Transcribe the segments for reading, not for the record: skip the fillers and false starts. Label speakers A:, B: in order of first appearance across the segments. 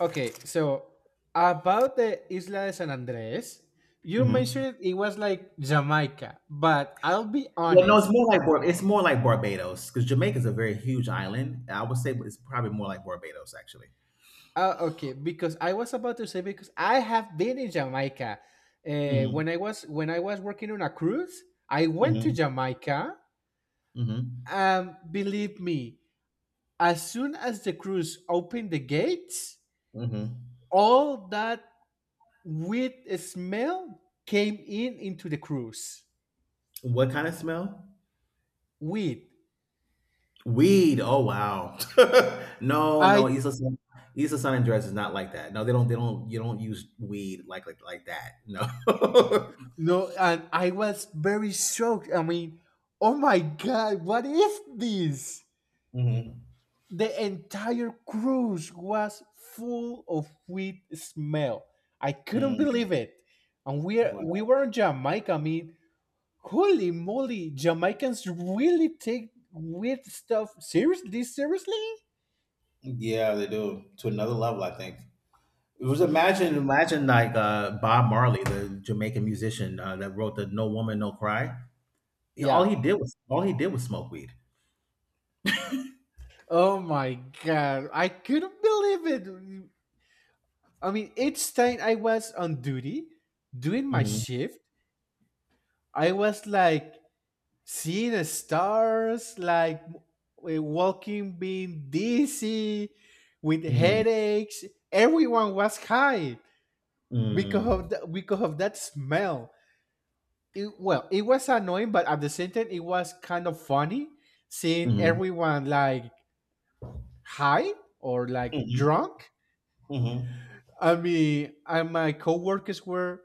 A: Okay, so about the Isla de San Andres, you
B: Mhm.
A: mentioned it was like Jamaica, but I'll be
B: Well, no, it's
A: honest.
B: more like Barbados because Jamaica's a very huge island. I would say it's probably more like Barbados actually.
A: Okay, because I was about to say because I have been in Jamaica.
B: Mhm,
A: When I was when I was working on a cruise, I went to
B: mhm,
A: Jamaica.
B: mhm,
A: Believe me, as soon as the cruise opened the gates,
B: mhm.
A: all that weed smell came in into the cruise.
B: What kind of smell?
A: Weed.
B: Weed. Oh wow. No,
A: I
B: no, Issa Sun and Dress is not like that. No, they don't. They don't. You don't use weed like that. No.
A: No, and I was very shocked. I mean, oh my god, what is this?
B: Hmm.
A: The entire cruise was full of wheat smell. I couldn't
B: Hmm.
A: believe it.
B: Wow.
A: We were in Jamaica. I mean, holy moly, Jamaicans really take weird stuff seriously. Seriously?
B: Yeah, they do to another level. I think. It was imagine imagine like Bob Marley, the Jamaican musician that wrote the "No Woman No Cry." All
A: Yeah.
B: he did was all he did was smoke weed.
A: Oh my god, I couldn't believe it. I mean, each time I was on duty doing my
B: Mhm.
A: shift, I was like seeing the stars, like walking, being dizzy, with
B: Mm,
A: headaches. Everyone was high
B: mm,
A: because of that smell. It, well, it was annoying, but at the same time, it was kind of funny seeing
B: mhm.
A: everyone like high or like
B: Mhm,
A: drunk.
B: mhm,
A: I mean, and my coworkers were,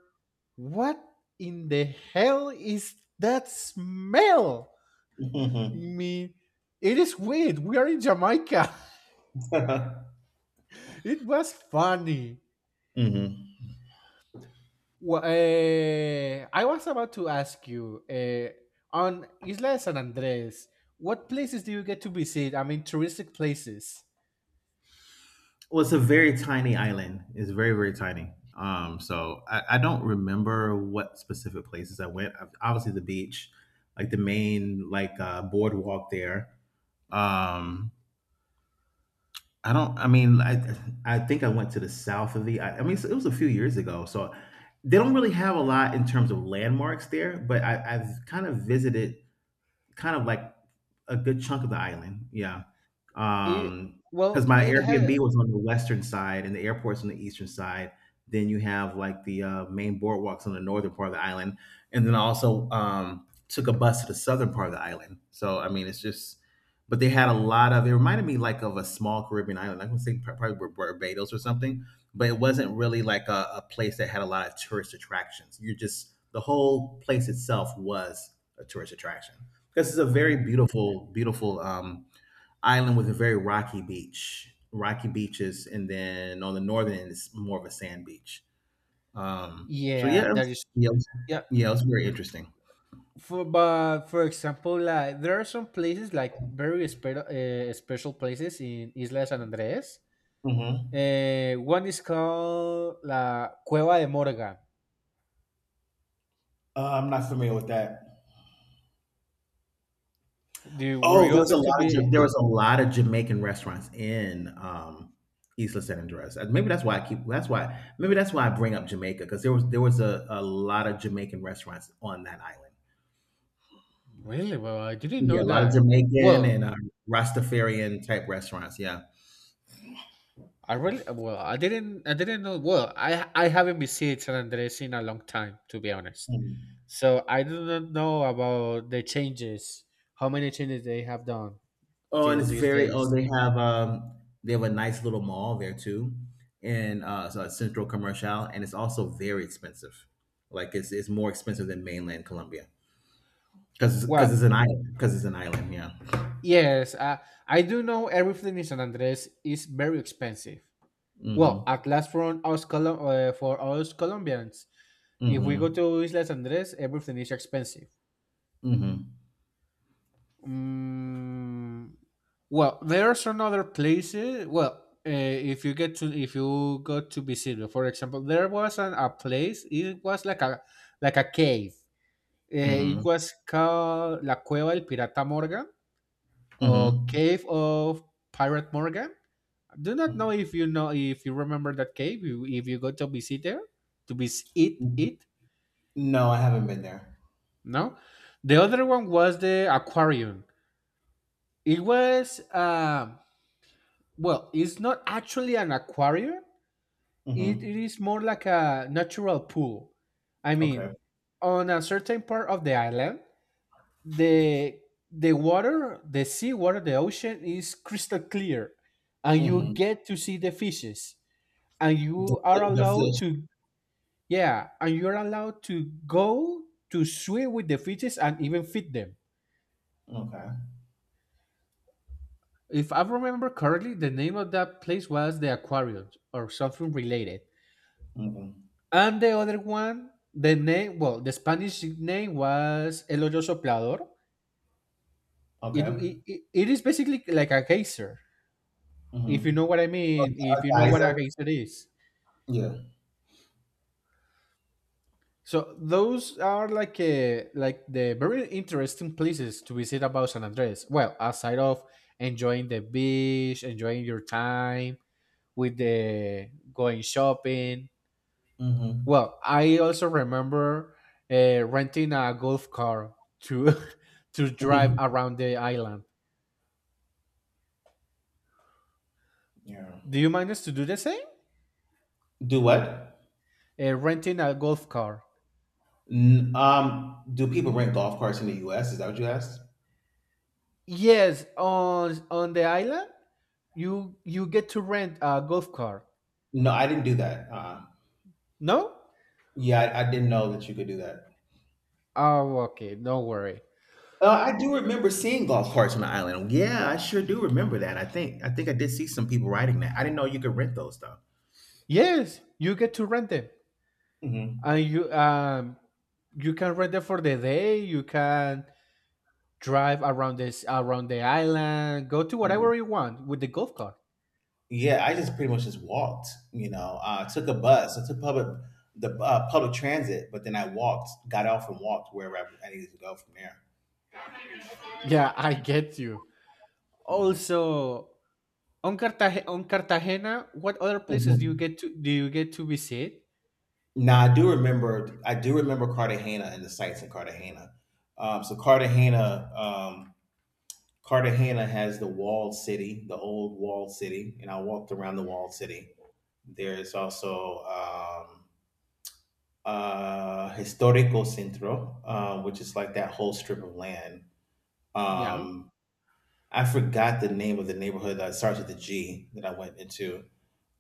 A: what in the hell is that smell? I
B: mhm.
A: mean, it is weird. We are in Jamaica. It was funny.
B: Mhm.
A: I was about to ask you. On Isla de San Andres, what places do you get to visit? I mean, touristic places.
B: Well, it's a very tiny island. It's very very tiny. So I don't remember what specific places I went. Obviously the beach, like the main like boardwalk there. Um, I don't. I mean, I think I went to the south of the. I mean, so it was a few years ago, so they don't really have a lot in terms of landmarks there. But I've kind of visited kind of like a good chunk of the island, yeah.
A: It
B: Um, Because
A: well,
B: my
A: it has.
B: Airbnb was on the western side and the airport's on the eastern side. Then you have, like, the, main boardwalks on the northern part of the island, and then I also, took a bus to the southern part of the island. So, I mean, it's just but they had a lot of it reminded me, like, of a small Caribbean island. I would say probably Barbados or something, but it wasn't really like a place that had a lot of tourist attractions. You're just the whole place itself was a tourist attraction because it's a very beautiful, beautiful island with a very rocky beach, rocky beaches, and then on the northern end it's more of a sand beach. Um, so
A: Yeah,
B: yeah, it
A: that
B: was,
A: is
B: yeah, it was,
A: yeah.
B: yeah, it was very interesting.
A: For but for example, like there are some places like very special special places in Isla de San Andres.
B: Hmm.
A: One is called La Cueva de Morga.
B: I'm not familiar with that.
A: Do you, were
B: Oh,
A: you
B: there was
A: able
B: a
A: to
B: lot of
A: be
B: Jamaican restaurants in Isla San Andres. Maybe that's why I keep that's why maybe that's why I bring up Jamaica because there was a lot of Jamaican restaurants on that island.
A: really? Well, I didn't
B: Yeah,
A: know
B: a lot of
A: that.
B: Jamaican and
A: Well,
B: Rastafarian type restaurants. Yeah.
A: I really well, I didn't know. Well, I haven't visited San Andres in a long time, to be honest.
B: Mm.
A: So I do not know about the changes, how many changes they have done
B: Oh, and
A: till
B: it's
A: these
B: very. Oh,
A: days.
B: they have a nice little mall there too, and so it's Central Commercial, and it's also very expensive. Like it's more expensive than mainland Colombia because
A: Well,
B: because it's an island because it's an island. Yeah.
A: yes, I do know everything in San Andres is very expensive. Well, at
B: Mm-hmm.
A: last for us, for us Colombians, if we go
B: Mm-hmm.
A: to Isla San Andres, everything is expensive.
B: Mm-hmm.
A: Mm, well, there's another places. Well, if you get to if you go to visit, for example, there was an, a place. It was like a cave. It
B: Mm-hmm.
A: was called La Cueva del Pirata Morgan or
B: Mm-hmm.
A: Cave of Pirate Morgan. Do not know
B: Mm.
A: if you know if you remember that cave. If you go to visit there, to visit it, it
B: No, I haven't been there.
A: no. The other one was the aquarium. It was. Well, it's not actually an aquarium. It
B: Mm-hmm.
A: is more like a natural pool. I
B: Okay.
A: mean, on a certain part of the island, the the water, the sea water, the ocean is crystal clear, and you
B: Mm-hmm.
A: get to see the fishes, and
B: The,
A: you are
B: the
A: allowed
B: fish.
A: to yeah, and you're allowed to go to swim with the fishes and even feed them.
B: Okay.
A: If I remember correctly, the name of that place was the aquarium or something related.
B: Mm-hmm.
A: And the other one, the name, well, the Spanish name was El Hoyo Soplador. It,
B: Okay.
A: it, it it is basically like a geyser, if you know
B: Mm-hmm.
A: what I mean, if you know what a
B: Advisor.
A: geyser is.
B: Yeah.
A: So those are like a, like the very interesting places to visit about San Andres. Well, aside of enjoying the beach, enjoying your time with the going shopping,
B: Mm-hmm.
A: well, I also remember renting a golf car to to drive around the island.
B: Yeah.
A: Do you manage to do the same?
B: Do what?
A: Renting a golf car.
B: Do people rent golf carts in the U.S.? Is that what you asked?
A: Yes, on the island, you get to rent a golf car.
B: No, I didn't do that.
A: No?
B: Yeah, I didn't know that you could do that.
A: Oh, okay. Don't worry.
B: I do remember seeing golf carts on the island. Yeah, I sure do remember that. I think I did see some people riding that. I didn't know you could rent those though.
A: Yes, you get to rent them,
B: Hmm.
A: and you you can rent them for the day. You can drive around this around the island. Go to whatever you want with the golf car.
B: Yeah, I just pretty much just walked. You know, took a bus. I took public transit, but then I walked, got off, and walked wherever I needed to go from there.
A: Yeah, I get you.
B: Mhm.
A: Also, on Cartagena, what other places do you
B: Mhm.
A: get to do you get to visit?
B: Now I do remember. I do remember Cartagena and the sites in Cartagena. So Cartagena, Cartagena has the walled city, the old walled city, and I walked around the walled city. There's also Historico Centro, which is like that whole strip of land.
A: Yeah.
B: Um, I forgot the name of the neighborhood that starts with a G that I went into.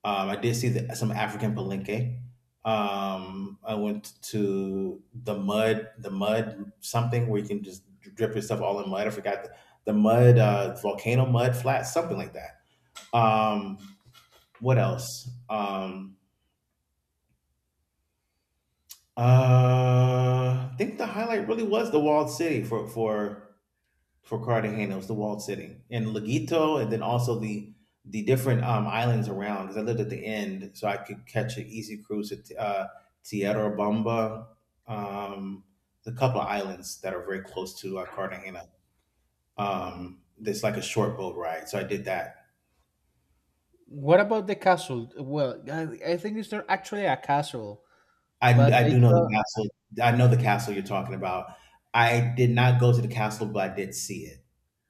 B: I did see the, some African Palenque. I went to the mud, something where you can just drip your stuff all in mud. I forgot the, volcano mud flat, something like that. Um, what else? I think the highlight really was the walled city for Cartagenos, the walled city, and Leguito, and then also the different islands around. Because I lived at the end, so I could catch an easy cruise to Tierra Bamba. Um, a couple of islands that are very close to Cartagena. There's like a short boat ride, so I did that.
A: What about the castle? Well, I think it's not actually a castle,
B: I,
A: but
B: I
A: they
B: do know the
A: call,
B: castle. I know the castle you're talking about. I did not go to the castle, but I did see it.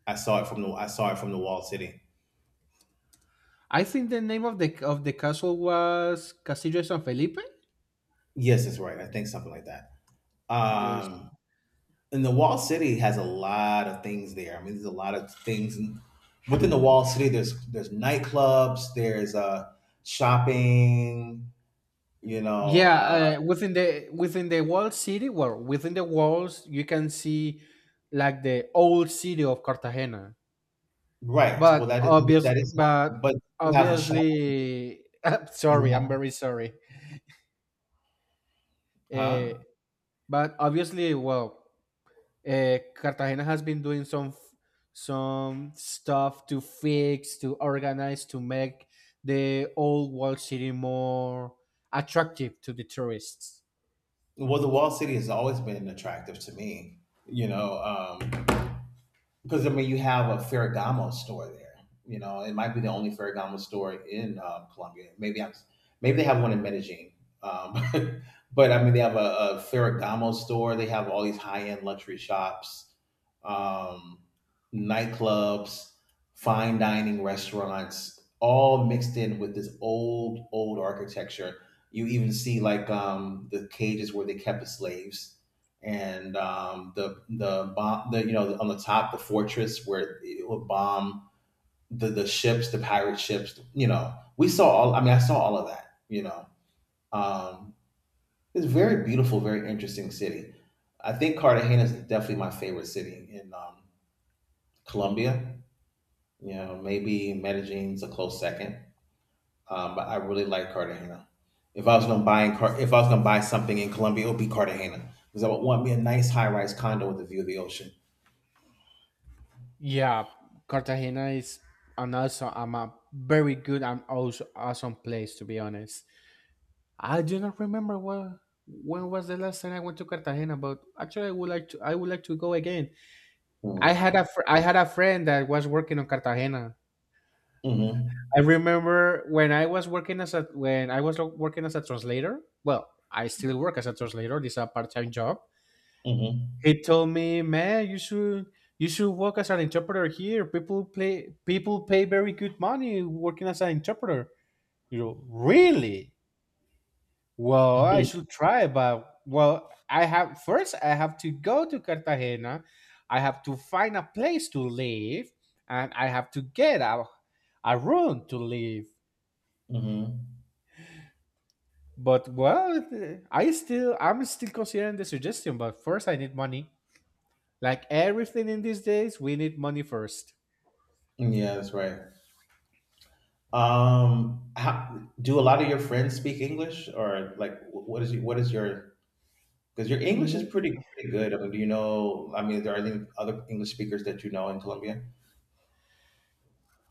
B: I saw it from the walled city.
A: I think the name of the castle was Castillo de San Felipe.
B: Yes, that's right. I think something like that.
A: Just
B: Um, and the wall city has a lot of things there. I mean, there's a lot of things within the wall city. There's nightclubs, there's shopping. You know,
A: yeah, within the walled city, well, within the walls, you can see like the old city of Cartagena.
B: right?
A: But
B: Well, that is
A: obvious,
B: that is,
A: but
B: but you have a shop.
A: obviously, sorry, I'm
B: You
A: very sorry.
B: have,
A: Eh,
B: huh?
A: but obviously, well, Cartagena has been doing some stuff to fix, to organize, to make the old walled city more attractive to the tourists.
B: Well, the wall city has always been attractive to me. You know, because I mean you have a Ferragamo store there. You know, it might be the only Ferragamo store in Colombia. Maybe they have one in Medellin. Um, but I mean, they have a Ferragamo store. They have all these high-end luxury shops, um, nightclubs, fine dining restaurants, all mixed in with this old, old architecture. You even see like the cages where they kept the slaves and the bomb, the on the top, the fortress where it would bomb the ships, the pirate ships. You know, we saw all. I mean, I saw all of that. You know, um, it's a very beautiful, very interesting city. I think Cartagena is definitely my favorite city in Colombia. You know, maybe Medellin's a close second, but I really like Cartagena. If I was gonna buy in Car- if I was gonna buy something in Colombia, it would be Cartagena because I would want me a nice high rise condo with a view of the ocean.
A: Yeah, Cartagena is an also I'm a very good and also awesome place to be honest. I do not remember what when was the last time I went to Cartagena, but actually I would like to I would like to go again. I
B: Mm-hmm.
A: had a I had a friend that was working on Cartagena.
B: Mm-hmm.
A: I remember when I was working as a when I was working as a translator. Well, I still work as a translator. This is a part time job.
B: Mhm.
A: He told me, man, you should work as an interpreter here. People play people pay very good money working as an interpreter. You know, really? Well, I should try, but well, I have first I have to go to Cartagena. I have to find a place to live, and I have to get a room to live.
B: Mhm.
A: But well, I still I'm still considering the suggestion, but first I need money. Like everything in these days, we need money first.
B: Yeah, that's right. How, do a lot of your friends speak English, or like, what is your? Because your English is
A: W-
B: pretty pretty good. I mean, do you know? I mean, there are any other English speakers that you know in Colombia?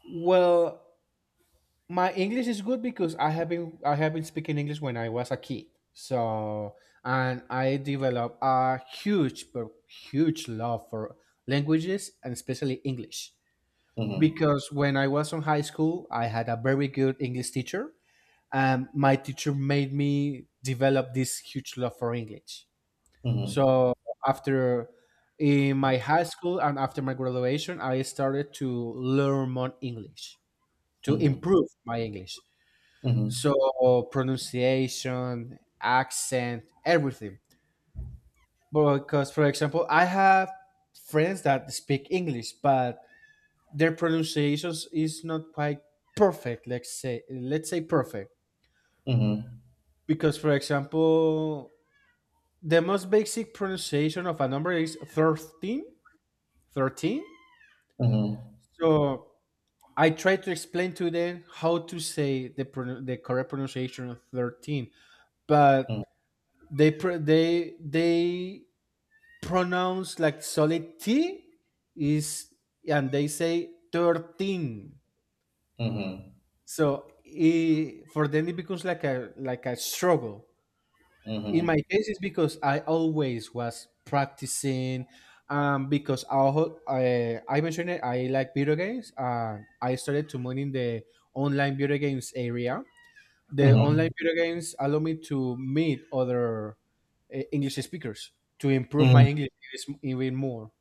A: Well, my English is good because I have been speaking English when I was a kid. So and I developed a huge but huge love for languages and especially English.
B: Mm-hmm.
A: Because when I was in high school, I had a very good English teacher, and my teacher made me develop this huge love for English.
B: Mm-hmm.
A: So after in my high school and after my graduation, I started to learn more English to
B: Mm-hmm.
A: improve my English. So pronunciation, accent, everything. But because, for example, I have friends that speak English, but their pronunciations is not quite perfect. Let's say perfect.
B: Mm-hmm.
A: Because, for example, the most basic pronunciation of a number is 13. 13.
B: Mm-hmm.
A: So I try to explain to them how to say the correct pronunciation of 13,
B: Mm-hmm.
A: but they pr- they pronounced like solid T is, and they say 13.
B: Mm-hmm.
A: So it, for them it becomes like a struggle. In
B: Mm-hmm.
A: my case, it's because I always was practicing. Because I mentioned it, I like video games. I started to move in the online video games area. The online
B: Mm-hmm.
A: video games allow me to meet other English speakers to improve
B: Mm-hmm.
A: my English even more.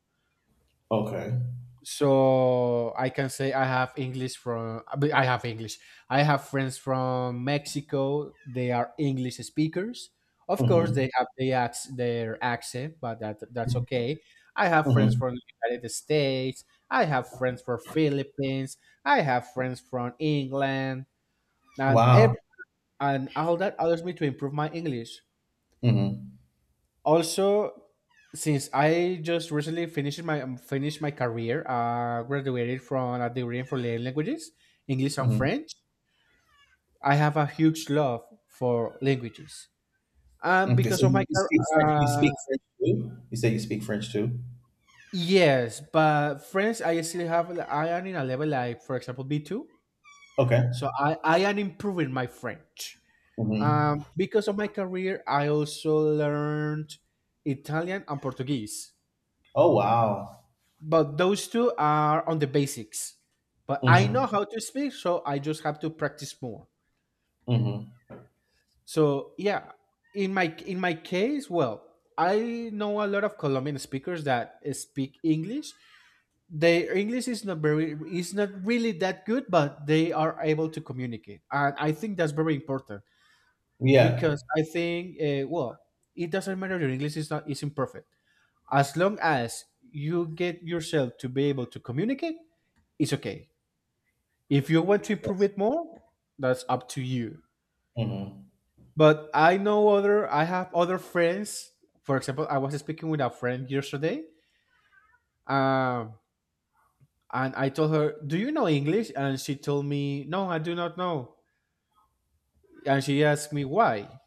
B: Okay.
A: So I can say I have English. I have friends from Mexico. They are English speakers. Of course
B: Mm-hmm.
A: they have their accent, but that that's okay. I have friends
B: Mm-hmm.
A: from the United States. I have friends from Philippines. I have friends from England, and
B: Wow.
A: ev- and all that allows me to improve my English.
B: Mm-hmm.
A: Also, since I just recently finished my career, graduated from a degree in foreign languages, English and
B: Mm-hmm.
A: French. I have a huge love for languages,
B: Okay.
A: because
B: So
A: of my
B: you speak French. You
A: uh
B: speak French too. You say you speak French too.
A: yes, but French, I still have, I am in a level like for example B2.
B: Okay.
A: So I am improving my French.
B: Mm-hmm.
A: Because of my career, I also learned Italian and Portuguese,
B: Oh, wow.
A: but those two are on the basics. But I know
B: Mhm,
A: how to speak, so I just have to practice more.
B: mhm.
A: So yeah, in my case, well, I know a lot of Colombian speakers that speak English. Their English is not very is not really that good, but they are able to communicate, and I think that's very important
B: Yeah.
A: because I think well, it doesn't matter your English is not is imperfect as long as you get yourself to be able to communicate, it's okay. If you want to improve
B: Yes.
A: it more, that's up to you.
B: Mhm.
A: But I know other. I have other friends. For example, I was speaking with a friend yesterday, um, and I told her, "Do you know English?" And she told me, "No, I do not know." And she asked me why,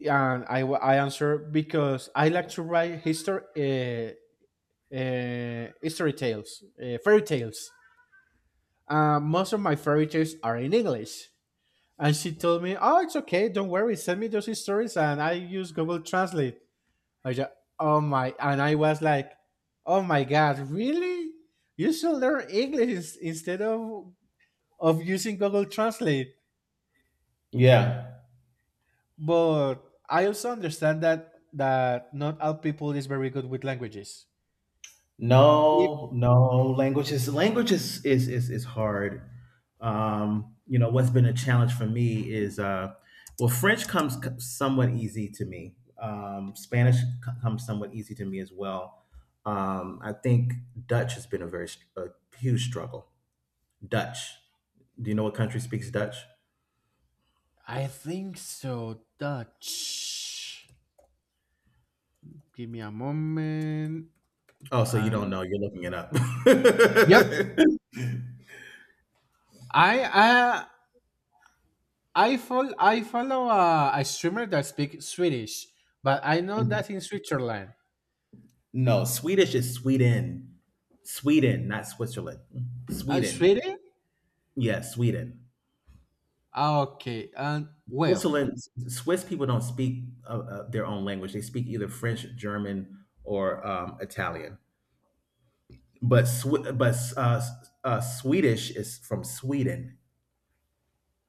A: and I answered because I like to write history history tales, fairy tales. Most of my fairy tales are in English. And she told me, "Oh, it's okay. Don't worry. Send me those stories, and I use Google Translate." I just, oh my, and I was like, "Oh my God, really? You should learn English instead of using Google Translate."
B: Yeah.
A: But I also understand that that not all people is very good with languages. If-
B: No, no, language is hard. What's been a challenge for me is, well, French comes somewhat easy to me. Spanish comes somewhat easy to me as well. I think Dutch has been a huge struggle. Dutch. Do you know what country speaks Dutch?
A: I think so. Dutch. Give me a moment.
B: Oh, so you don't
A: And
B: know. You're looking it up.
A: yep, I I I follow a streamer that speaks Swedish, but I know that in Switzerland.
B: No, Swedish is Sweden. Sweden, not Switzerland. Sweden.
A: Sweden?
B: Yeah, Sweden.
A: Ah, okay. And well.
B: Switzerland, Swiss people don't speak their own language. They speak either French, German, or Italian. But Swi but Swedish is from Sweden.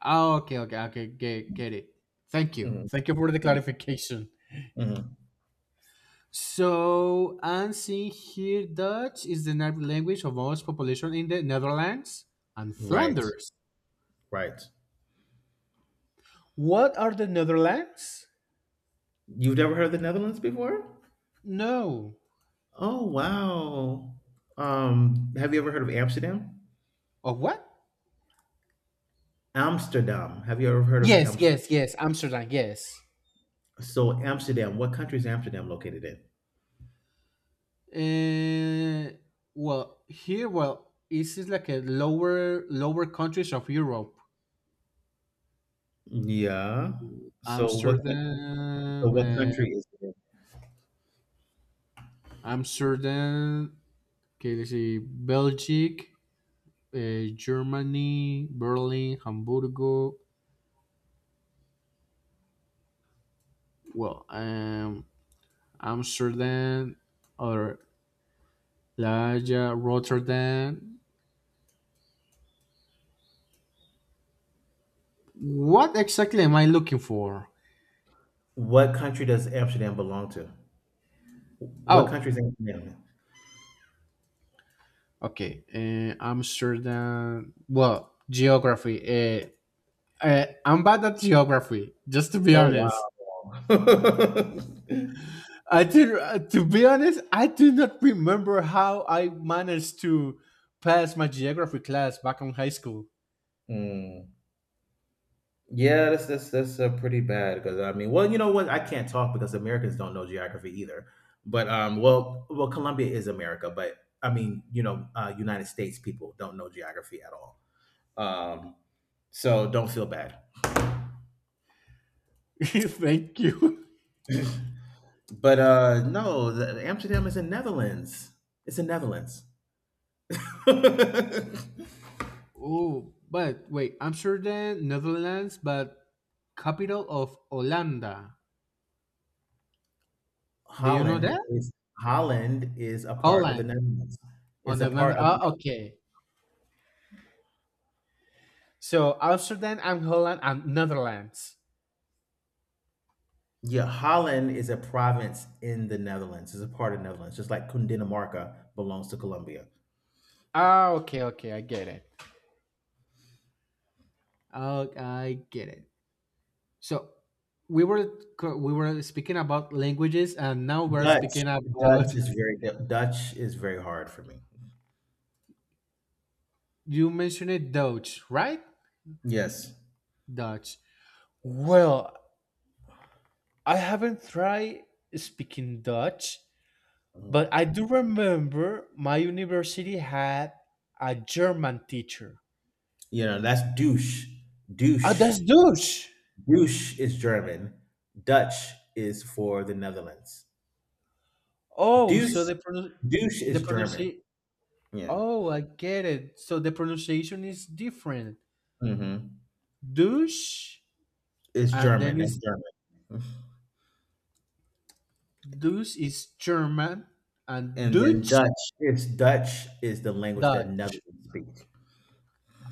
A: Ah, okay. Okay. Okay. Get it. Thank you.
B: Mhm,
A: Thank you for the clarification.
B: mhm.
A: So, I'm seeing here Dutch is the native language of most population in the Netherlands and
B: Right,
A: Flanders.
B: right.
A: What are the Netherlands?
B: You've never heard of the Netherlands before?
A: No.
B: Oh, wow. Have you ever heard of Amsterdam?
A: Of what?
B: Amsterdam. Have you ever heard of
A: Yes.
B: Amsterdam?
A: Yes. Yes. Amsterdam. Yes.
B: So Amsterdam, what country is Amsterdam located in?
A: Uh, well, here, well, this is like a lower countries of Europe.
B: Yeah. So what
A: Amsterdam, uh,
B: country is it in?
A: Amsterdam. Okay, let's see, Belgium, Germany, Berlin, Hamburgo. Well, Amsterdam or La Haya, Rotterdam. What exactly am I looking for?
B: What country does Amsterdam belong to? What
A: Oh,
B: country is Amsterdam in?
A: okay. Amsterdam. Well, geography. Uh, I'm bad at geography, just to be
B: Oh
A: honest.
B: wow.
A: I do, to be honest, I do not remember how I managed to pass my geography class back in high school.
B: Mm. Yeah, that's pretty bad because I mean, well, you know what? I can't talk because Americans don't know geography either. But well, well, Colombia is America, but I mean, you know, United States people don't know geography at all. Um, so don't feel bad.
A: Thank you.
B: But no, Amsterdam is in Netherlands. It's in Netherlands.
A: Oh, but wait, Amsterdam, Netherlands, but capital of Holanda. Do you know
B: Holland
A: that?
B: is Holland is a part of the
A: Holland.
B: Netherlands.
A: On
B: Is a
A: the
B: part
A: Nether-
B: of the
A: oh,
B: Netherlands.
A: okay. So Amsterdam and Holland and Netherlands.
B: Yeah, Holland is a province in the Netherlands. It's a part of Netherlands, just like Cundinamarca belongs to Colombia.
A: Ah, okay, okay, I get it. Oh, I get it. So we were we were speaking about languages, and now we're
B: Dutch,
A: speaking about
B: Dutch is very hard for me.
A: you mentioned it Dutch, right?
B: Yes.
A: Dutch. Well, I haven't tried speaking Dutch,
B: Mhm.
A: but I do remember my university had a German teacher.
B: You know that's douche,
A: Ah, that's
B: douche,
A: Dutch.
B: douche is German. Dutch is for the Netherlands.
A: Oh,
B: Deuce, Deuce
A: the
B: is German.
A: pronunciation.
B: Yeah.
A: Oh, I get it. So the pronunciation is different.
B: Hmm.
A: Douche,
B: It's
A: and then
B: German. That's
A: it's
B: German.
A: Deuce is German and
B: And then Dutch. It's Dutch is the language
A: Dutch.
B: that Netherlands speak.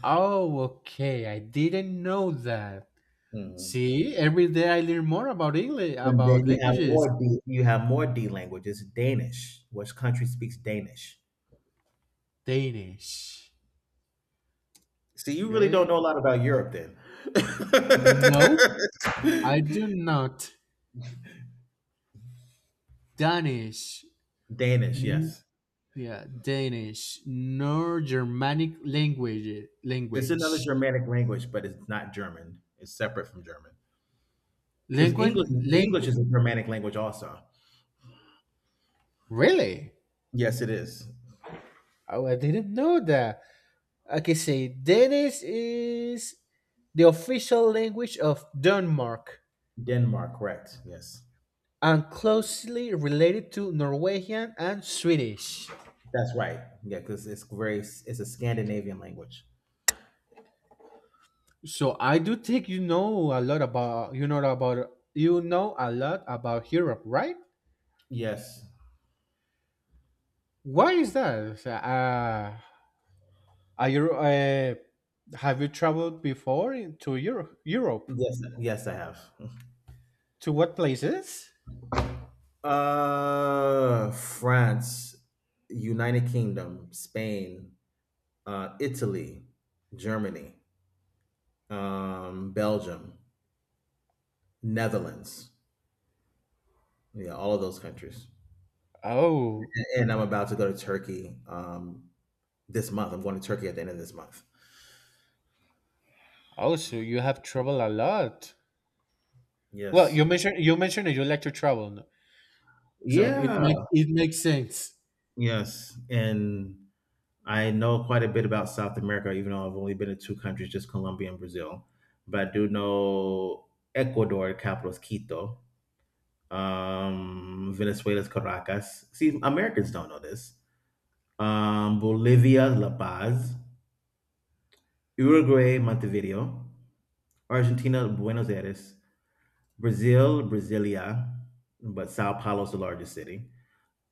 A: Oh, okay. I didn't know that.
B: Hmm.
A: See, every day I learn more about English,
B: And then
A: about
B: you have
A: languages.
B: more D. You have more D languages. Danish. Which country speaks Danish?
A: Danish.
B: See, you really
A: Okay.
B: don't know a lot about Europe, then.
A: No, I do not. Danish.
B: Danish.
A: N-
B: Yes.
A: yeah, Danish. Nor Germanic
B: It's another Germanic language, but it's not German. It's separate from German because English
A: Language.
B: is a Germanic language also.
A: Really?
B: Yes, it is.
A: Oh, I didn't know that. I can say Danish is the official language of Denmark
B: Denmark, correct? Yes.
A: and closely related to Norwegian and Swedish.
B: That's right. Yeah, because it's a Scandinavian language.
A: So I do think you know a lot about Europe, right?
B: Yes.
A: Why is that? Are you have you traveled before to Europe? Europe
B: Yes, yes, I have.
A: to what places?
B: France, United Kingdom, Spain, Italy, Germany, Belgium, Netherlands. Yeah, all of those countries. And
A: Oh,
B: and I'm about to go to Turkey this month. I'm going to Turkey at the end of this month.
A: oh, so you have traveled a lot. Well,
B: Yes.
A: you mentioned that you like to travel. So
B: Yeah.
A: it makes sense.
B: Yes. And I know quite a bit about South America, even though I've only been to two countries, just Colombia and Brazil. But I do know Ecuador, the capital is Quito. Venezuela's Caracas. See, Americans don't know this. Bolivia, La Paz. Uruguay, Montevideo. Argentina, Buenos Aires. Brazil, Brasilia. But Sao Paulo's the largest city.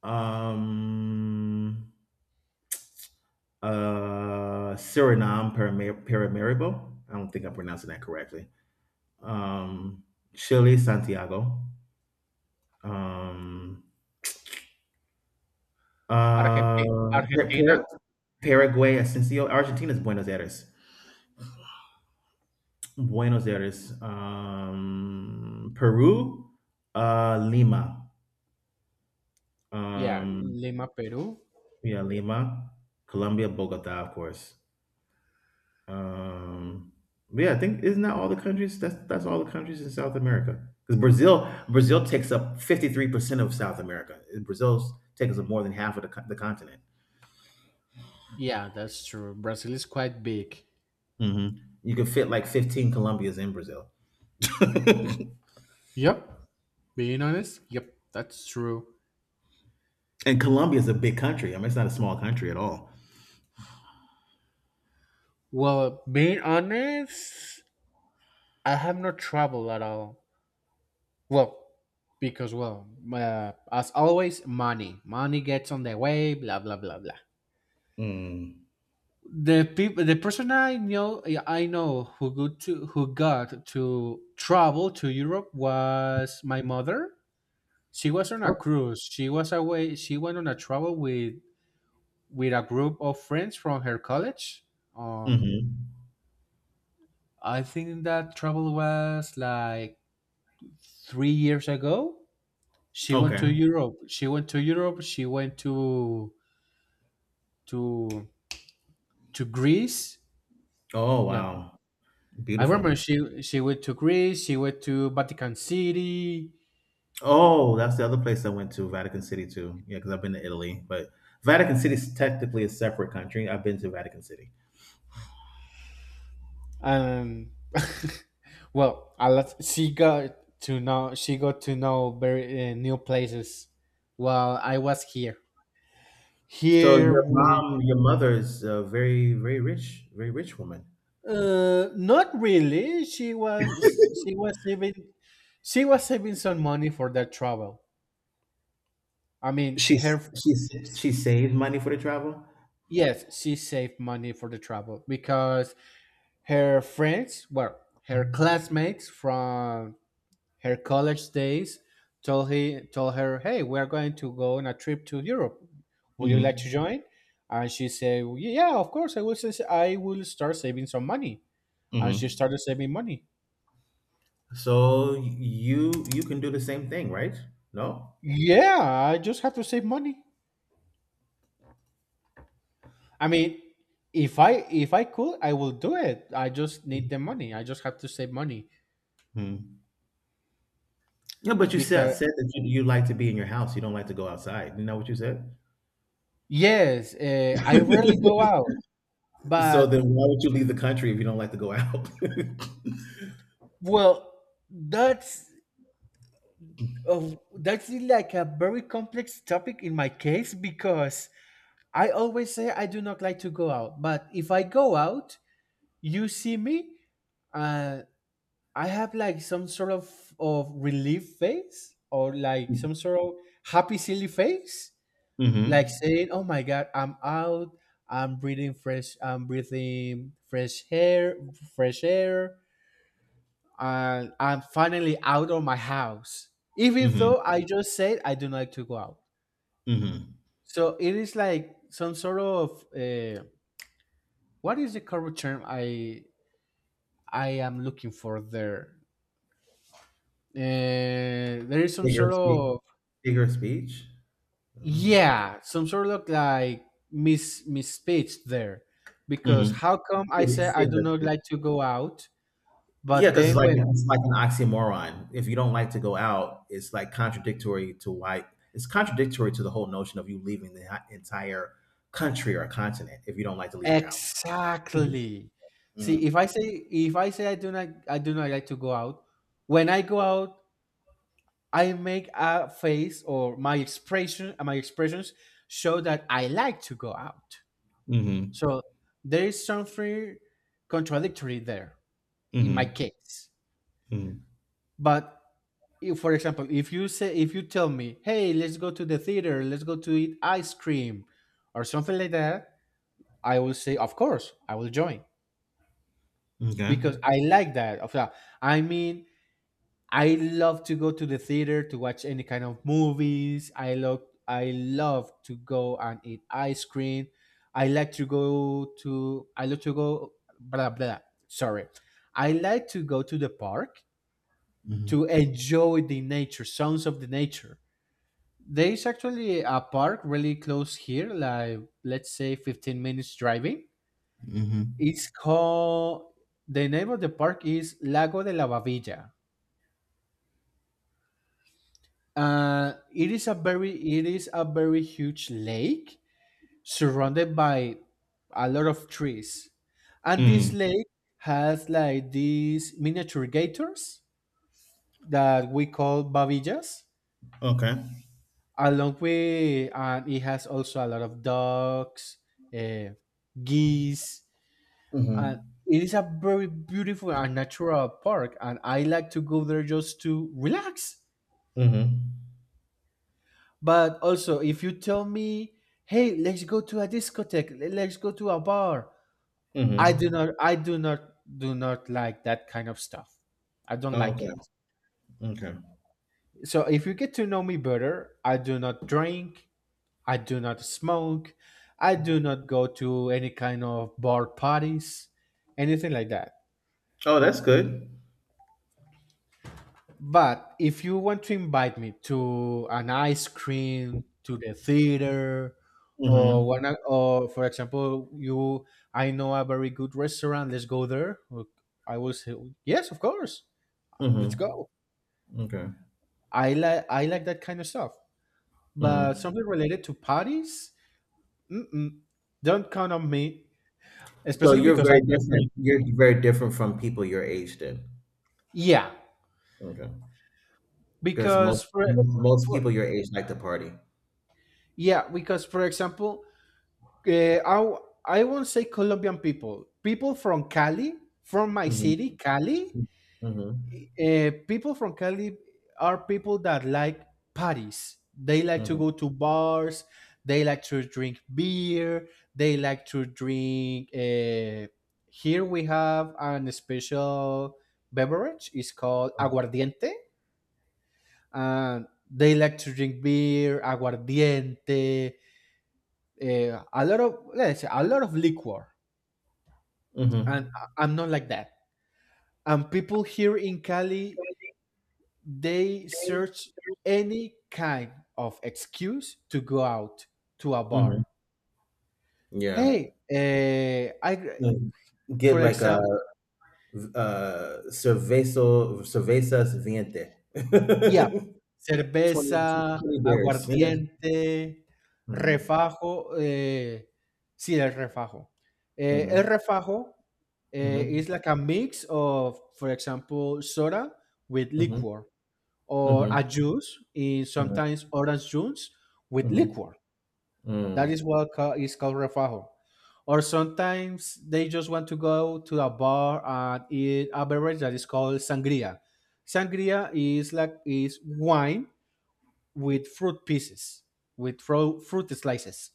B: Um, Suriname, Paramaribo. I don't think I'm pronouncing that correctly. Um, Chile, Santiago. Um, uh,
A: Argentina,
B: Par-
A: Argentina,
B: Par- Paraguay, Ascencio. Argentina's Buenos Aires. Buenos Aires. Peru, Lima.
A: yeah,
B: Um,
A: Lima, Peru.
B: yeah, Lima. Colombia, Bogota, of course. Um, but yeah, I think isn't that all the countries? That's all the countries in South America. Because Brazil takes up 53% of South America. Brazil takes up more than half of the, the continent.
A: Yeah, that's true. Brazil is quite big.
B: Hmm You can fit like 15 Colombias in Brazil,
A: Yep. Being honest, yep, that's true.
B: and Colombia is a big country. I mean, it's not a small country at all.
A: Well, being honest, I have not traveled at all. Well, because well, as always, money gets on the way. Blah blah blah blah.
B: Mm.
A: The person I know, who go to who got to travel to Europe was my mother. She was on a cruise. She was away. She went on a travel with a group of friends from her college. Uh,
B: hmm
A: I think that travel was like 3 years ago. She went
B: Okay.
A: to Europe. She went to Europe. She went to to Greece.
B: Oh
A: Well,
B: wow,
A: I remember
B: beautiful.
A: she went to Greece. She went to Vatican City.
B: Oh, that's the other place I went to, Vatican City too. Yeah, because I've been to Italy, but Vatican City is technically a separate country. I've been to Vatican City.
A: And well, a lot, she got to know very new places while I was here.
B: So
A: Here
B: your
A: we...
B: mom, your mother is a very, very rich woman.
A: Uh, not really. She was saving she was saving some money for that travel. I mean her...
B: She's she saved money for the travel.
A: Yes, she saved money for the travel because her friends, well, her classmates from her college days, told... He told her, "Hey, we're going to go on a trip to Europe. Would you like
B: Hmm
A: to join?" And she said, "Yeah, of course. I will. I will start saving some money." And she
B: hmm
A: started saving money.
B: So you can do the same thing, right? No.
A: Yeah, I just have to save money. I mean, if I could, I will do it. I just need the money. I just have to save money
B: Hmm. Yeah, but you said
A: because
B: said that you like to be in your house. You don't like to go outside. You know what you said?
A: yes, I rarely go out.
B: So
A: But
B: then, why would you leave the country if you don't like to go out?
A: well, that's... Oh, that's like a very complex topic in my case because I always say I do not like to go out. But if I go out, you see me, uh, I have like some sort of relief face or like some sort of happy, silly face, like
B: Mm-hmm.
A: saying, "Oh my God, I'm out. I'm breathing fresh, fresh air, and I'm finally out of my house." Even
B: Mm-hmm.
A: though I just said I do not like to go out.
B: Mm-hmm.
A: So it is like some sort of what is the correct term I am looking for there? There is some
B: Figure
A: sort
B: of speech.
A: of...
B: Figure of speech. Mm-hmm.
A: Yeah, some sort of like misspeech there, because how come I say I do
B: Figure of
A: not
B: speech.
A: like to go out,
B: Yeah,
A: but
B: because it's
A: then
B: like
A: when
B: it's like an oxymoron. If you don't like to go out, it's contradictory to the whole notion of you leaving the entire country or continent if you don't like to leave your house.
A: exactly... See,
B: Mhm.
A: if I say I do not like to go out, when I go out I make a face or my expression my expressions show that I like to go out.
B: Mhm.
A: So there is something contradictory there in my
B: Mhm.
A: case.
B: Mhm.
A: But if, for example, if you tell me, "Hey, let's go to the theater, let's go to eat ice cream or something like that," I will say, "Of course, I will join."
B: Okay.
A: Because I like that. Of that. I mean, I love to go to the theater to watch any kind of movies. I love to go and eat ice cream. I love to go blah blah. Sorry. I like to go to the park
B: Mhm.
A: to enjoy the nature, sounds of the nature. There is actually a park really close here, like let's say 15 minutes driving.
B: Mhm.
A: It's called The name of the park is Lago de la Bavilla. It is a very huge lake surrounded by a lot of trees, and this
B: Mm.
A: lake has like these miniature gators that we call babillas,
B: Okay.
A: along with... And it has also a lot of ducks, uh, geese, and
B: Mhm.
A: it is a very beautiful and natural park. And I like to go there just to relax.
B: Mhm.
A: But also, if you tell me, "Hey, let's go to a discotheque. Let's go to a bar,"
B: Mhm.
A: I do not like that kind of stuff. I don't
B: Oh,
A: like
B: okay.
A: it.
B: Okay.
A: So if you get to know me better, I do not drink, I do not smoke, I do not go to any kind of bar parties, anything like that.
B: Oh, that's good.
A: But if you want to invite me to an ice cream, to the theater, or
B: Mhm.
A: one, or for example, you, I know a very good restaurant. Let's go there. Look, I will say yes, of course. Let's
B: Mhm.
A: go.
B: Okay.
A: I like that kind of stuff. But
B: Mhm.
A: something related to parties, mm-mm, don't count on me,
B: So
A: especially
B: you're
A: because I
B: very
A: don't drink.
B: different. You're very different from people your age then.
A: Yeah,
B: Okay. 'Cause
A: because
B: most most
A: for
B: people your age like to party.
A: yeah, because for example, Uh, I w- I won't say Colombian people. People from Cali, from my
B: Mhm.
A: city, Cali.
B: Mhm.
A: People from Cali are people that like parties. They like to
B: Mhm.
A: go to bars. They like to drink beer. They like to drink. Here we have an special beverage. It's called aguardiente, and they like to drink beer, aguardiente, a lot of... Let's say a lot of liquor, and
B: Mhm.
A: I'm not like that. And people here in Cali, they search any kind of excuse to go out to a bar.
B: Mhm. Yeah.
A: Hey, eh, I, gr-
B: Mm. Get
A: For
B: like a
A: example,
B: cervezo cervezas viente.
A: yeah,
B: Twenty
A: cerveza,
B: twenty beers.
A: aguardiente,
B: Mhm.
A: refajo. Eh, sí, el refajo. Eh, el
B: Mhm.
A: refajo
B: Mhm.
A: is like a mix of, for example, soda with liquor. Or
B: Mhm.
A: a juice in...
B: Mhm. Mhm.
A: Sometimes orange juice with
B: Mhm.
A: liquor. That
B: Mm.
A: is what is called refajo. Or sometimes they just want to go to a bar and eat a beverage that is called sangria. Sangria is like... Is wine with fruit pieces, with fruit slices.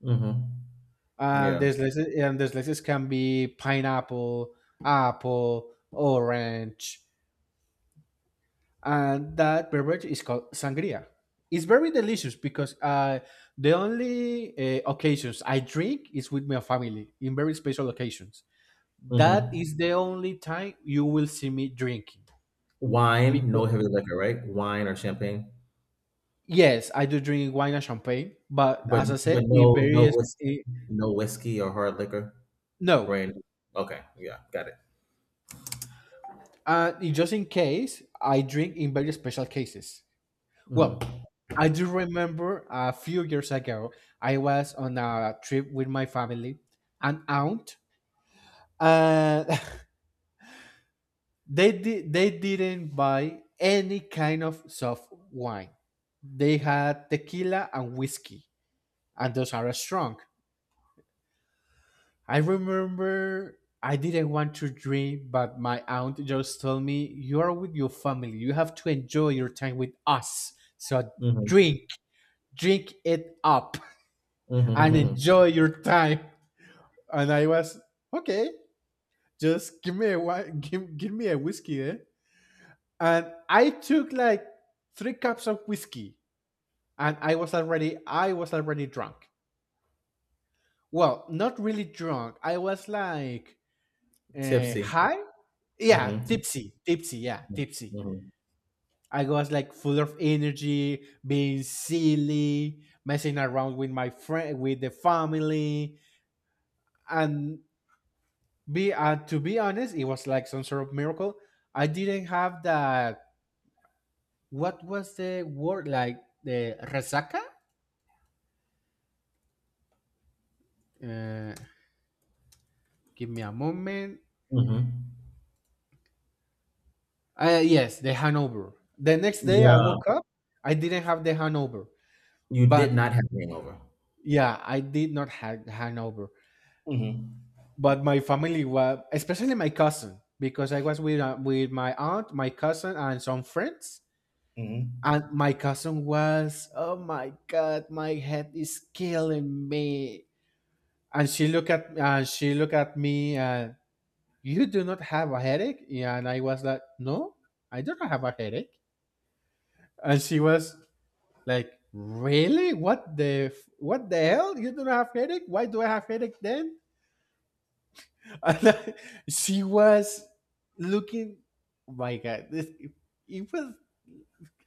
B: Mhm.
A: And
B: Yeah.
A: the slices, can be pineapple, apple, orange, and that beverage is called sangria. It's very delicious because the only occasions I drink is with my family in very special occasions. That
B: Mhm.
A: is the only time you will see me drinking.
B: Wine, no
A: Because
B: heavy liquor, right? Wine or champagne?
A: yes, I do drink wine and champagne, but as I said,
B: But
A: in
B: no no
A: various...
B: whiskey,
A: Eh,
B: no whiskey or hard liquor?
A: no,
B: Brand okay, yeah, got it.
A: just in case I drink in very special cases. Well,
B: Mhm,
A: I do remember a few years ago I was on a trip with my family, an aunt, and they didn't buy any kind of soft wine. They had tequila and whiskey, and those are strong. I remember I didn't want to drink, but my aunt just told me, "You are with your family, you have to enjoy your time with us, so
B: mhm,
A: drink drink it up
B: mhm, mhm,
A: and
B: mhm.
A: enjoy your time." And I was, "Okay, just give me a wine, give me a whiskey, eh?" And I took like 3 cups of whiskey, and I was already drunk. Well, not really drunk. I was like
B: Tipsy.
A: high. Yeah,
B: Mhm,
A: tipsy. Yeah,
B: mhm,
A: tipsy.
B: mhm,
A: I was like full of energy, being silly, messing around with my friend, with the family, and be to be honest, it was like some sort of miracle. I didn't have that. What was the word like the resaca? Uh, Give me a moment.
B: mhm.
A: Yes, the hangover. The next day I
B: Yeah,
A: woke up, I didn't have the hangover,
B: you did
A: but
B: not have hangover.
A: yeah, I did not have hangover.
B: Mhm.
A: But my family was, especially my cousin, because I was with my aunt, my cousin, and some friends.
B: Mhm.
A: And my cousin was, oh my god, my head is killing me. And she looked at me. You do not have a headache? Yeah, and I was like, no, I don't have a headache. And she was like, really? What the hell? You don't have headache? Why do I have headache then? And I- she was looking. Oh my God, this it was.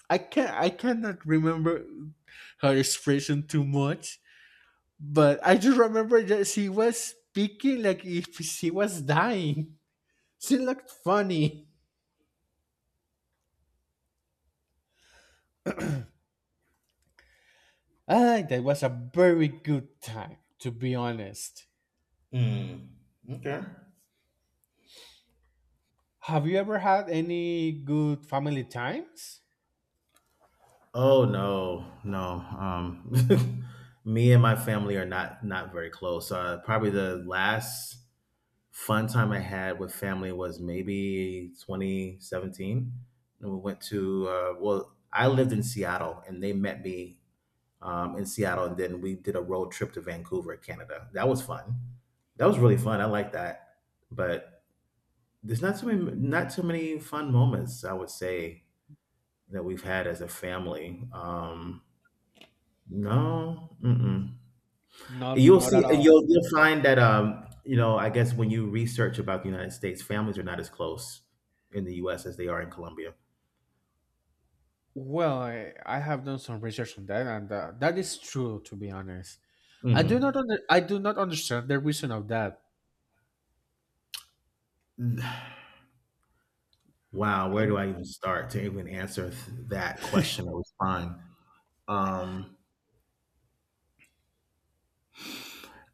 A: I cannot remember her expression too much, but I just remember that she was speaking like if she was dying. She looked funny. I think that it was a very good time, to be honest.
B: Mm. Okay.
A: Have you ever had any good family times?
B: Oh no, no. Um, me and my family are not very close. Probably the last fun time I had with family was maybe 2017. And we went to well, I lived in Seattle, and they met me in Seattle, and then we did a road trip to Vancouver, Canada. That was fun. That was really fun. I like that. But there's not too many fun moments I would say that we've had as a family. No, mm-mm.
A: Not,
B: You'll
A: not
B: see,
A: at
B: and
A: all.
B: you'll find that you know, I guess when you research about the United States, families are not as close in the U.S. as they are in Colombia.
A: Well, I have done some research on that, and that is true. To be honest,
B: Hmm
A: I do not understand the reason of that.
B: Wow, where do I even start to even answer that question or respond? Um,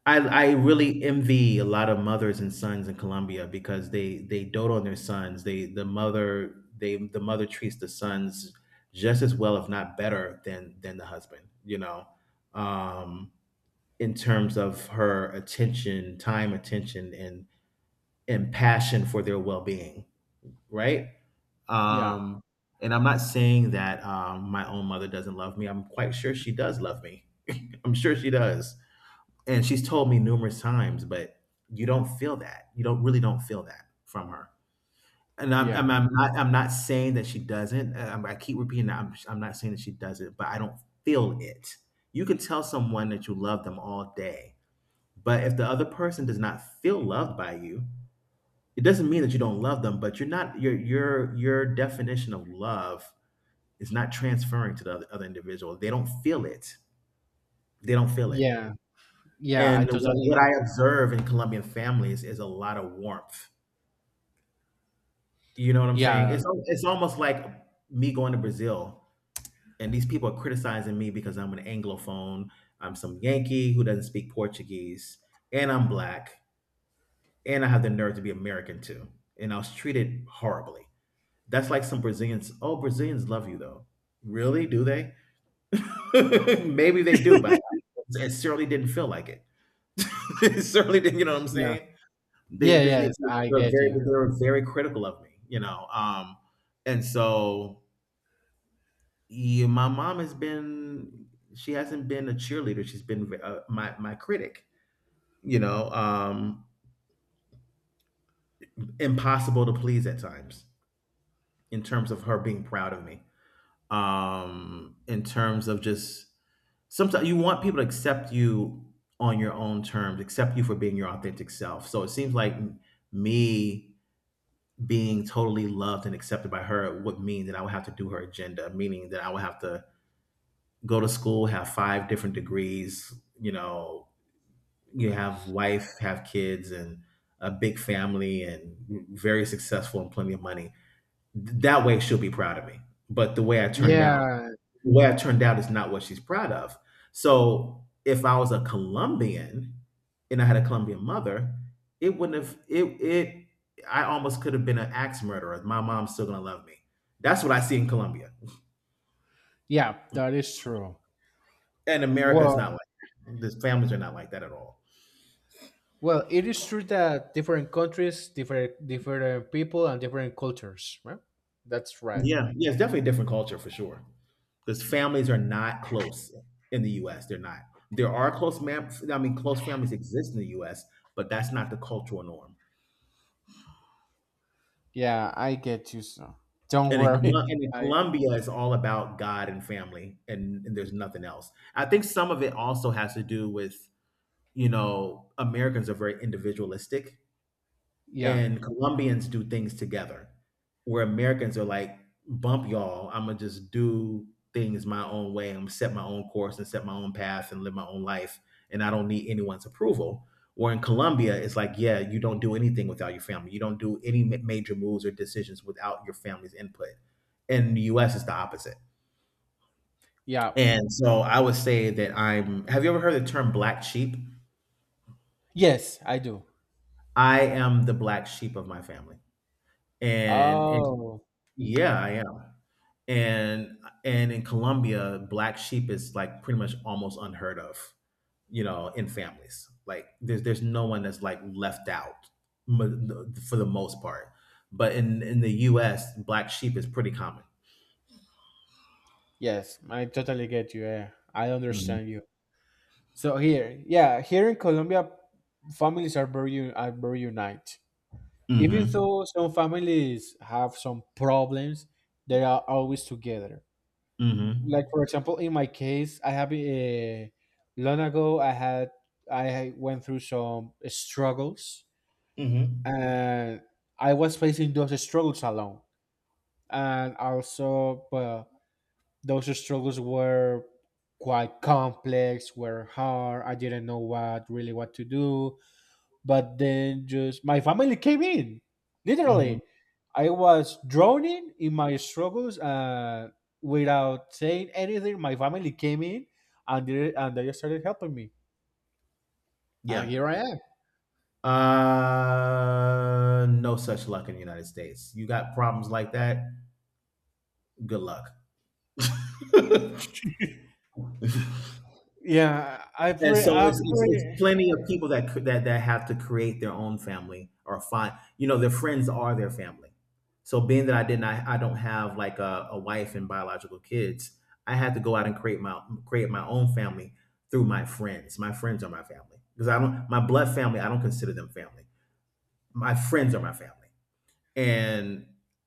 B: I really envy a lot of mothers and sons in Colombia because they dote on their sons. They the mother treats the sons just as well, if not better, than the husband. You know, um, in terms of her attention, time, attention, and passion for their well being. Right.
A: yeah,
B: Um, and I'm not saying that my own mother doesn't love me. I'm quite sure she does love me. I'm sure she does and she's told me numerous times, but you don't feel that. You don't really don't feel that from her. And I'm, I'm,
A: yeah,
B: I'm not I'm not saying that she doesn't. I keep repeating that I'm not saying that she doesn't, but I don't feel it. You can tell someone that you love them all day, but if the other person does not feel loved by you, it doesn't mean that you don't love them. But you're not your your definition of love is not transferring to the other individual. They don't feel it. They don't feel it.
A: yeah, yeah. I
B: And what
A: totally.
B: what I observe in Colombian families is a lot of warmth. You know what I'm saying?
A: Yeah,
B: It's almost like me going to Brazil, and these people are criticizing me because I'm an Anglophone, I'm some Yankee who doesn't speak Portuguese, and I'm Black, and I have the nerve to be American too, and I was treated horribly. That's like some Brazilians, "Oh, Brazilians love you, though." Really? Do they? Maybe they do, but it certainly didn't feel like it. It certainly didn't, you know what I'm
A: yeah,
B: saying?
A: yeah. Yes, I get you.
B: They were very critical of me, you know, and so, yeah, my mom has been she hasn't been a cheerleader, she's been v my my critic, you know, impossible to please at times in terms of her being proud of me. In terms of just sometimes you want people to accept you on your own terms, accept you for being your authentic self, so it seems like me being totally loved and accepted by her would mean that I would have to do her agenda, meaning that I would have to go to school, have 5 different degrees, you know, you have wife, have kids and a big family and very successful and plenty of money. That way she'll be proud of me. But the way I turned out
A: Yeah,
B: where I turned out is not what she's proud of. So if I was a Colombian and I had a Colombian mother, it wouldn't have it it I almost could have been an axe murderer. My mom's still gonna love me. That's what I see in Colombia.
A: yeah. That is true.
B: And America is
A: Well,
B: not like that. The families are not like that at all.
A: well, it is true that different countries, different people, and different cultures. Right? That's right.
B: Yeah, yeah, it's definitely a different culture for sure. Because families are not close in the U.S. They're not. There are close, I mean, close families exist in the U.S., but that's not the cultural norm.
A: Yeah, I get you. So don't
B: And in
A: worry. I
B: Colombia, it's all about God and family, and there's nothing else. I think some of it also has to do with, you know, Americans are very individualistic
A: yeah.
B: and Colombians do things together, where Americans are like, "Bump y'all, I'm gonna just do things my own way. I'm gonna set my own course and set my own path and live my own life, and I don't need anyone's approval." Where in Colombia, it's like, yeah, you don't do anything without your family. You don't do any major moves or decisions without your family's input. In the U.S., it's the opposite.
A: Yeah.
B: And so I would say that I'm. Have you ever heard the term black sheep?
A: Yes, I do.
B: I am the black sheep of my family. And
A: Oh,
B: yeah, I and and in Colombia, black sheep is like pretty much almost unheard of, you know, in families. Like there's no one that's like left out for the most part. But in the U.S., black sheep is pretty common.
A: yes, I totally get you. Yeah, I
B: Hmm
A: understand you. So here, yeah, here in Colombia, families are very unite. Even
B: hmm
A: though some families have some problems, they are always together.
B: hmm
A: Like for example, in my case, I have a long ago I had I went through some struggles,
B: hmm
A: and I was facing those struggles alone, and also, well, those struggles were quite complex, were hard. I didn't know what really what to do. But then just my family came in. Literally.
B: hmm
A: I was drowning in my struggles without saying anything. My family came in and they started helping me. And
B: Yeah.
A: here I am.
B: No such luck in the United States. You got problems like that. Good luck.
A: Yeah, I
B: And
A: pray.
B: so
A: I
B: it's
A: pray.
B: plenty of people that that have to create their own family or find you know their friends are their family. So being that I didn't I don't have like a wife and biological kids, I had to go out and create my own family through my friends. My friends are my family because I don't my blood family I don't consider them family. My friends are my family. And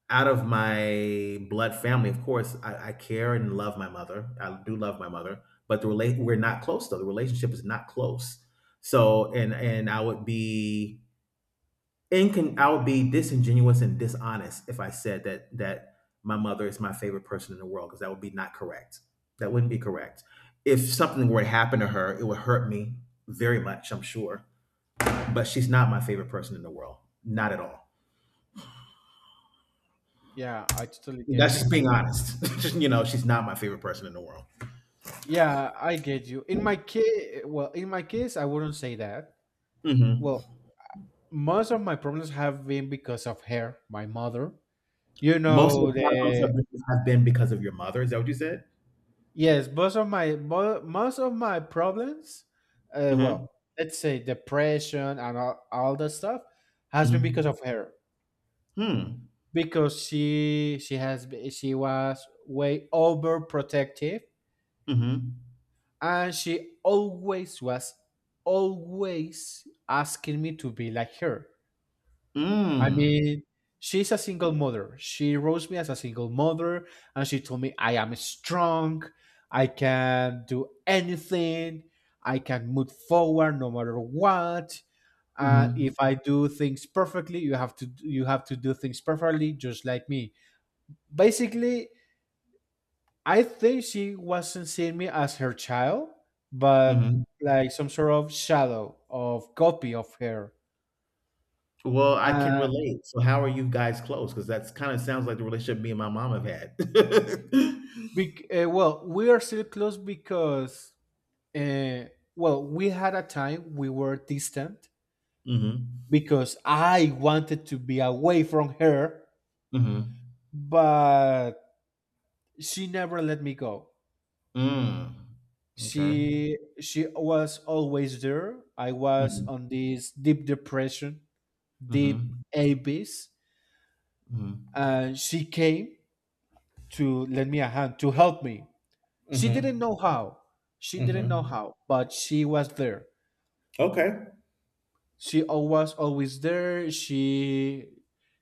B: out of my blood family, of course, I care and love my mother. I do love my mother, but the relate we're not close though. The relationship is not close. So and I would be I would be disingenuous and dishonest if I said that my mother is my favorite person in the world because that would be not correct. That wouldn't be correct. If something were to happen to her, it would hurt me very much, I'm sure. But she's not my favorite person in the world. Not at all.
A: Yeah, I totally get
B: That's just
A: you.
B: being honest. Just, you know, she's not my favorite person in the world.
A: Yeah, I get you. In my case, well, in my case, I wouldn't say that. Well,
B: Hmm
A: most of my problems have been because of her, my mother. You
B: Most of
A: know
B: the problems
A: the
B: have been because of your mother. Is that what you said?
A: Yes, most of my problems,
B: Mm-hmm.
A: well, let's say depression and all that stuff, has been because
B: Mm-hmm.
A: of her
B: Hmm.
A: because she was way overprotective
B: Mm-hmm.
A: and she always was always asking me to be like her. I
B: Mm.
A: mean, she's a single mother. She raised me as a single mother, and she told me I am strong. I can do anything. I can move forward no matter what. And
B: Mm-hmm.
A: if I do things perfectly, you have to do things perfectly, just like me. Basically, I think she wasn't seeing me as her child, but
B: Mm-hmm.
A: like some sort of shadow of copy of her.
B: Well, I can
A: Uh,
B: relate. So, how are you guys close? Because that's kind of sounds like the relationship me and my mom have had. Mm-hmm.
A: well, we are still close because, Uh, well, we had a time we were distant because I wanted to be away from her,
B: Mm-hmm.
A: but she never let me go.
B: Mm. Okay.
A: She was always there. I was
B: Mm-hmm.
A: on this deep depression, deep
B: Mm-hmm.
A: abyss,
B: Mm-hmm.
A: and she came to lend me a hand to help me. She didn't
B: Mm-hmm.
A: know how. She didn't know
B: Mm-hmm.
A: how, but she was there.
B: Okay.
A: She was always there. She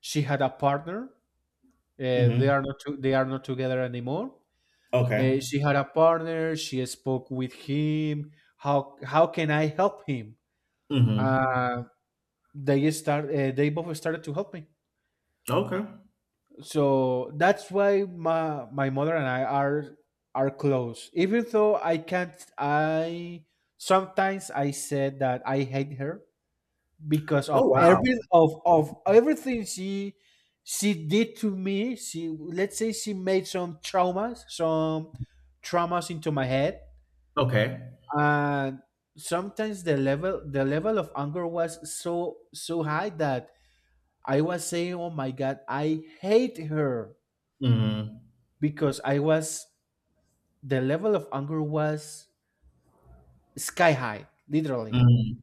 A: had a partner. They
B: Mm-hmm.
A: are not to, they are not together anymore.
B: Okay.
A: She had a partner. She spoke with him. How can I help him?
B: Mm-hmm.
A: Uh, they both started to help me.
B: Okay.
A: So that's why my mother and I are close. Even though I can't, I sometimes I said that I hate her because of
B: Oh, wow.
A: everything she did to me. She, let's say, she made some traumas, into my head,
B: Okay.
A: and sometimes the level of anger was so high that I was saying, oh my god, I hate her
B: Mhm.
A: because I was, the level of anger was sky high literally.
B: Mhm.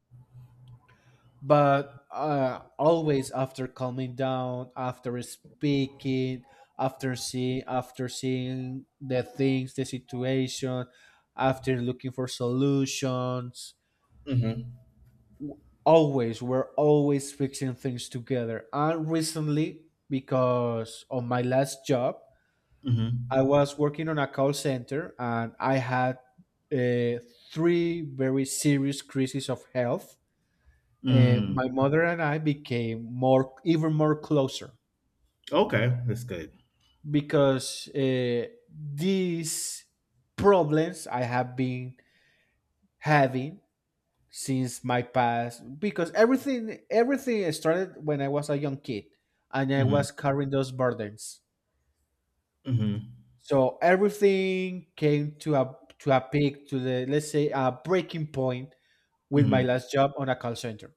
A: But always after calming down, after speaking, after seeing the things, the situation, after looking for solutions,
B: Mhm.
A: always we're always fixing things together. And recently, because on my last job
B: Mhm.
A: I was working on a call center and I had uh, three very serious crises of health,
B: Mm.
A: my mother and I became even more closer
B: Okay, that's good.
A: because these problems I have been having since my past, because everything started when I was a young kid and I
B: Mhm.
A: was carrying those burdens.
B: Mhm.
A: So everything came to a peak, to the, let's say, a breaking point with my
B: Mhm.
A: last job on a call center.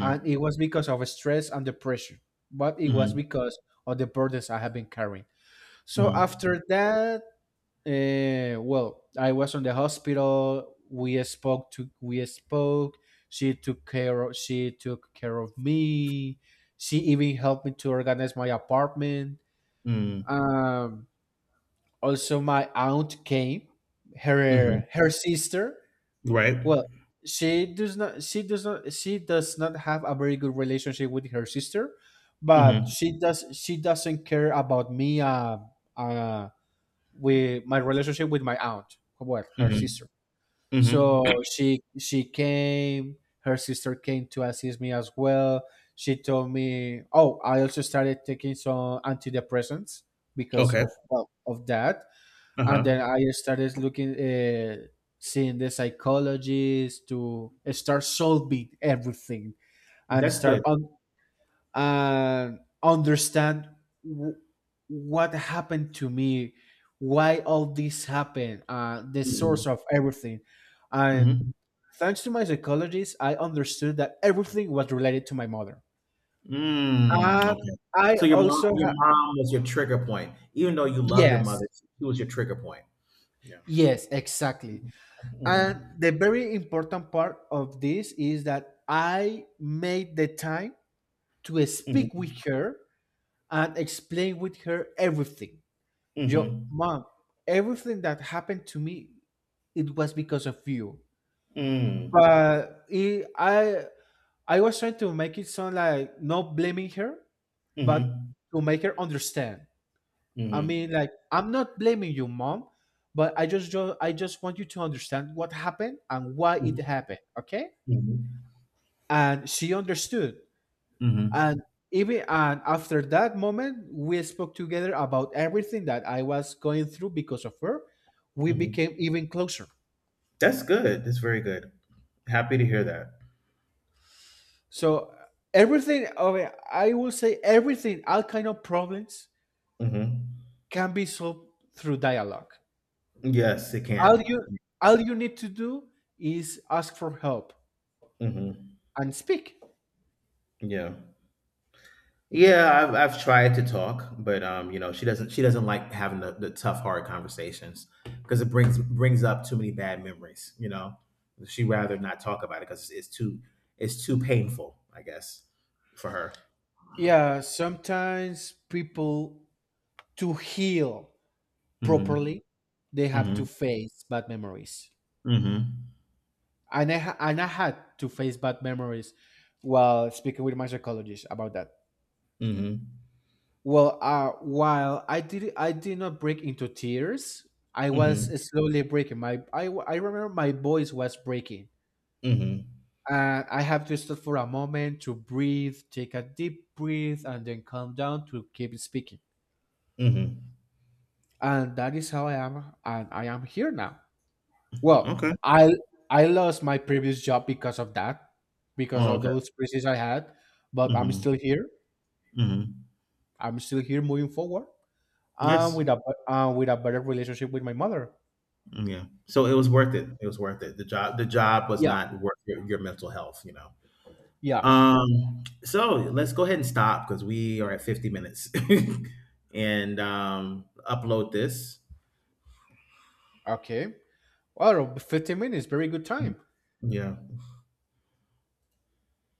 A: And it was because of stress and the pressure, but it was
B: Mhm.
A: because of the burdens I have been carrying. So
B: Mhm.
A: after that, well, I was in the hospital. We spoke, she took care of she took care of me. She even helped me to organize my apartment.
B: Mhm.
A: um Also my aunt came,
B: Mhm.
A: her sister.
B: Right.
A: Well, she does not have a very good relationship with her sister, but
B: Mhm.
A: she doesn't care about me uh with my relationship with my aunt, well, her sister.
B: Mhm. Mhm.
A: So she came, her sister came to assist me as well. She told me, "Oh, I also started taking some antidepressants because
B: Okay.
A: of, well, of that." And then
B: Uh-huh.
A: I started looking, seeing the psychologists to start solving everything and
B: That's
A: start
B: good.
A: on and understand w- what happened to me, why all this happened, the
B: Mhm.
A: source of everything, and
B: Mhm.
A: thanks to my psychologist, I understood that everything was related to my mother.
B: Mm.
A: Uh,
B: Okay.
A: I
B: So
A: also
B: your
A: ha-
B: mom was your trigger point. Even though you love your
A: yes,
B: mother, she was your trigger point. Yeah.
A: yes, exactly. And
B: Mhm.
A: the very important part of this is that I made the time to speak with
B: Mhm.
A: her and explain with her everything. Yo,
B: Mhm.
A: mom, everything that happened to me, it was because of you.
B: Mm.
A: But I was trying to make it sound like not blaming her, but
B: Mhm.
A: to make her understand. I mean,
B: Mhm.
A: like, I'm not blaming you, mom, but I just want you to understand what happened and why it
B: Mhm,
A: happened. Okay.
B: mhm,
A: And she understood,
B: mhm,
A: and even and after that moment we spoke together about everything that I was going through because of her. We
B: mhm.
A: became even closer.
B: That's good. That's very good. Happy to hear that.
A: So everything okay, I will say everything, all kind of problems
B: Mhm.
A: can be solved through dialogue.
B: Yes, it
A: all
B: can.
A: you all you need to do is ask for help
B: Mhm.
A: and speak.
B: Yeah. Yeah, I've tried to talk, but you know, she doesn't like having the tough, hard conversations because it brings brings up too many bad memories. You know, she rather not talk about it because it's too painful, I guess, for her.
A: Yeah, sometimes people, to heal
B: Hmm
A: properly, they have to
B: hmm
A: face bad memories.
B: hmm
A: And I had to face bad memories while speaking with my psychologist about that.
B: hmm
A: Well, while I did, I did not break into tears, I was
B: hmm
A: slowly breaking. My I remember my voice was breaking.
B: hmm
A: And I have to stop for a moment to breathe, take a deep breath, and then calm down to keep speaking.
B: hmm
A: And that is how I am, and I am here now. Well,
B: Okay.
A: I lost my previous job because of that, because of
B: Oh,
A: those crises I had, but I'm
B: Mhm,
A: still here.
B: mhm.
A: I'm still here moving forward and
B: Yes,
A: with a better relationship with my mother.
B: mm, yeah. So it was worth it, it was worth it. The job was
A: Yeah.
B: not worth your mental health, you know?
A: Yeah.
B: So let's go ahead and stop because we are at 50 minutes and, upload this.
A: Okay. Well, 15 minutes, very good time.
B: Yeah.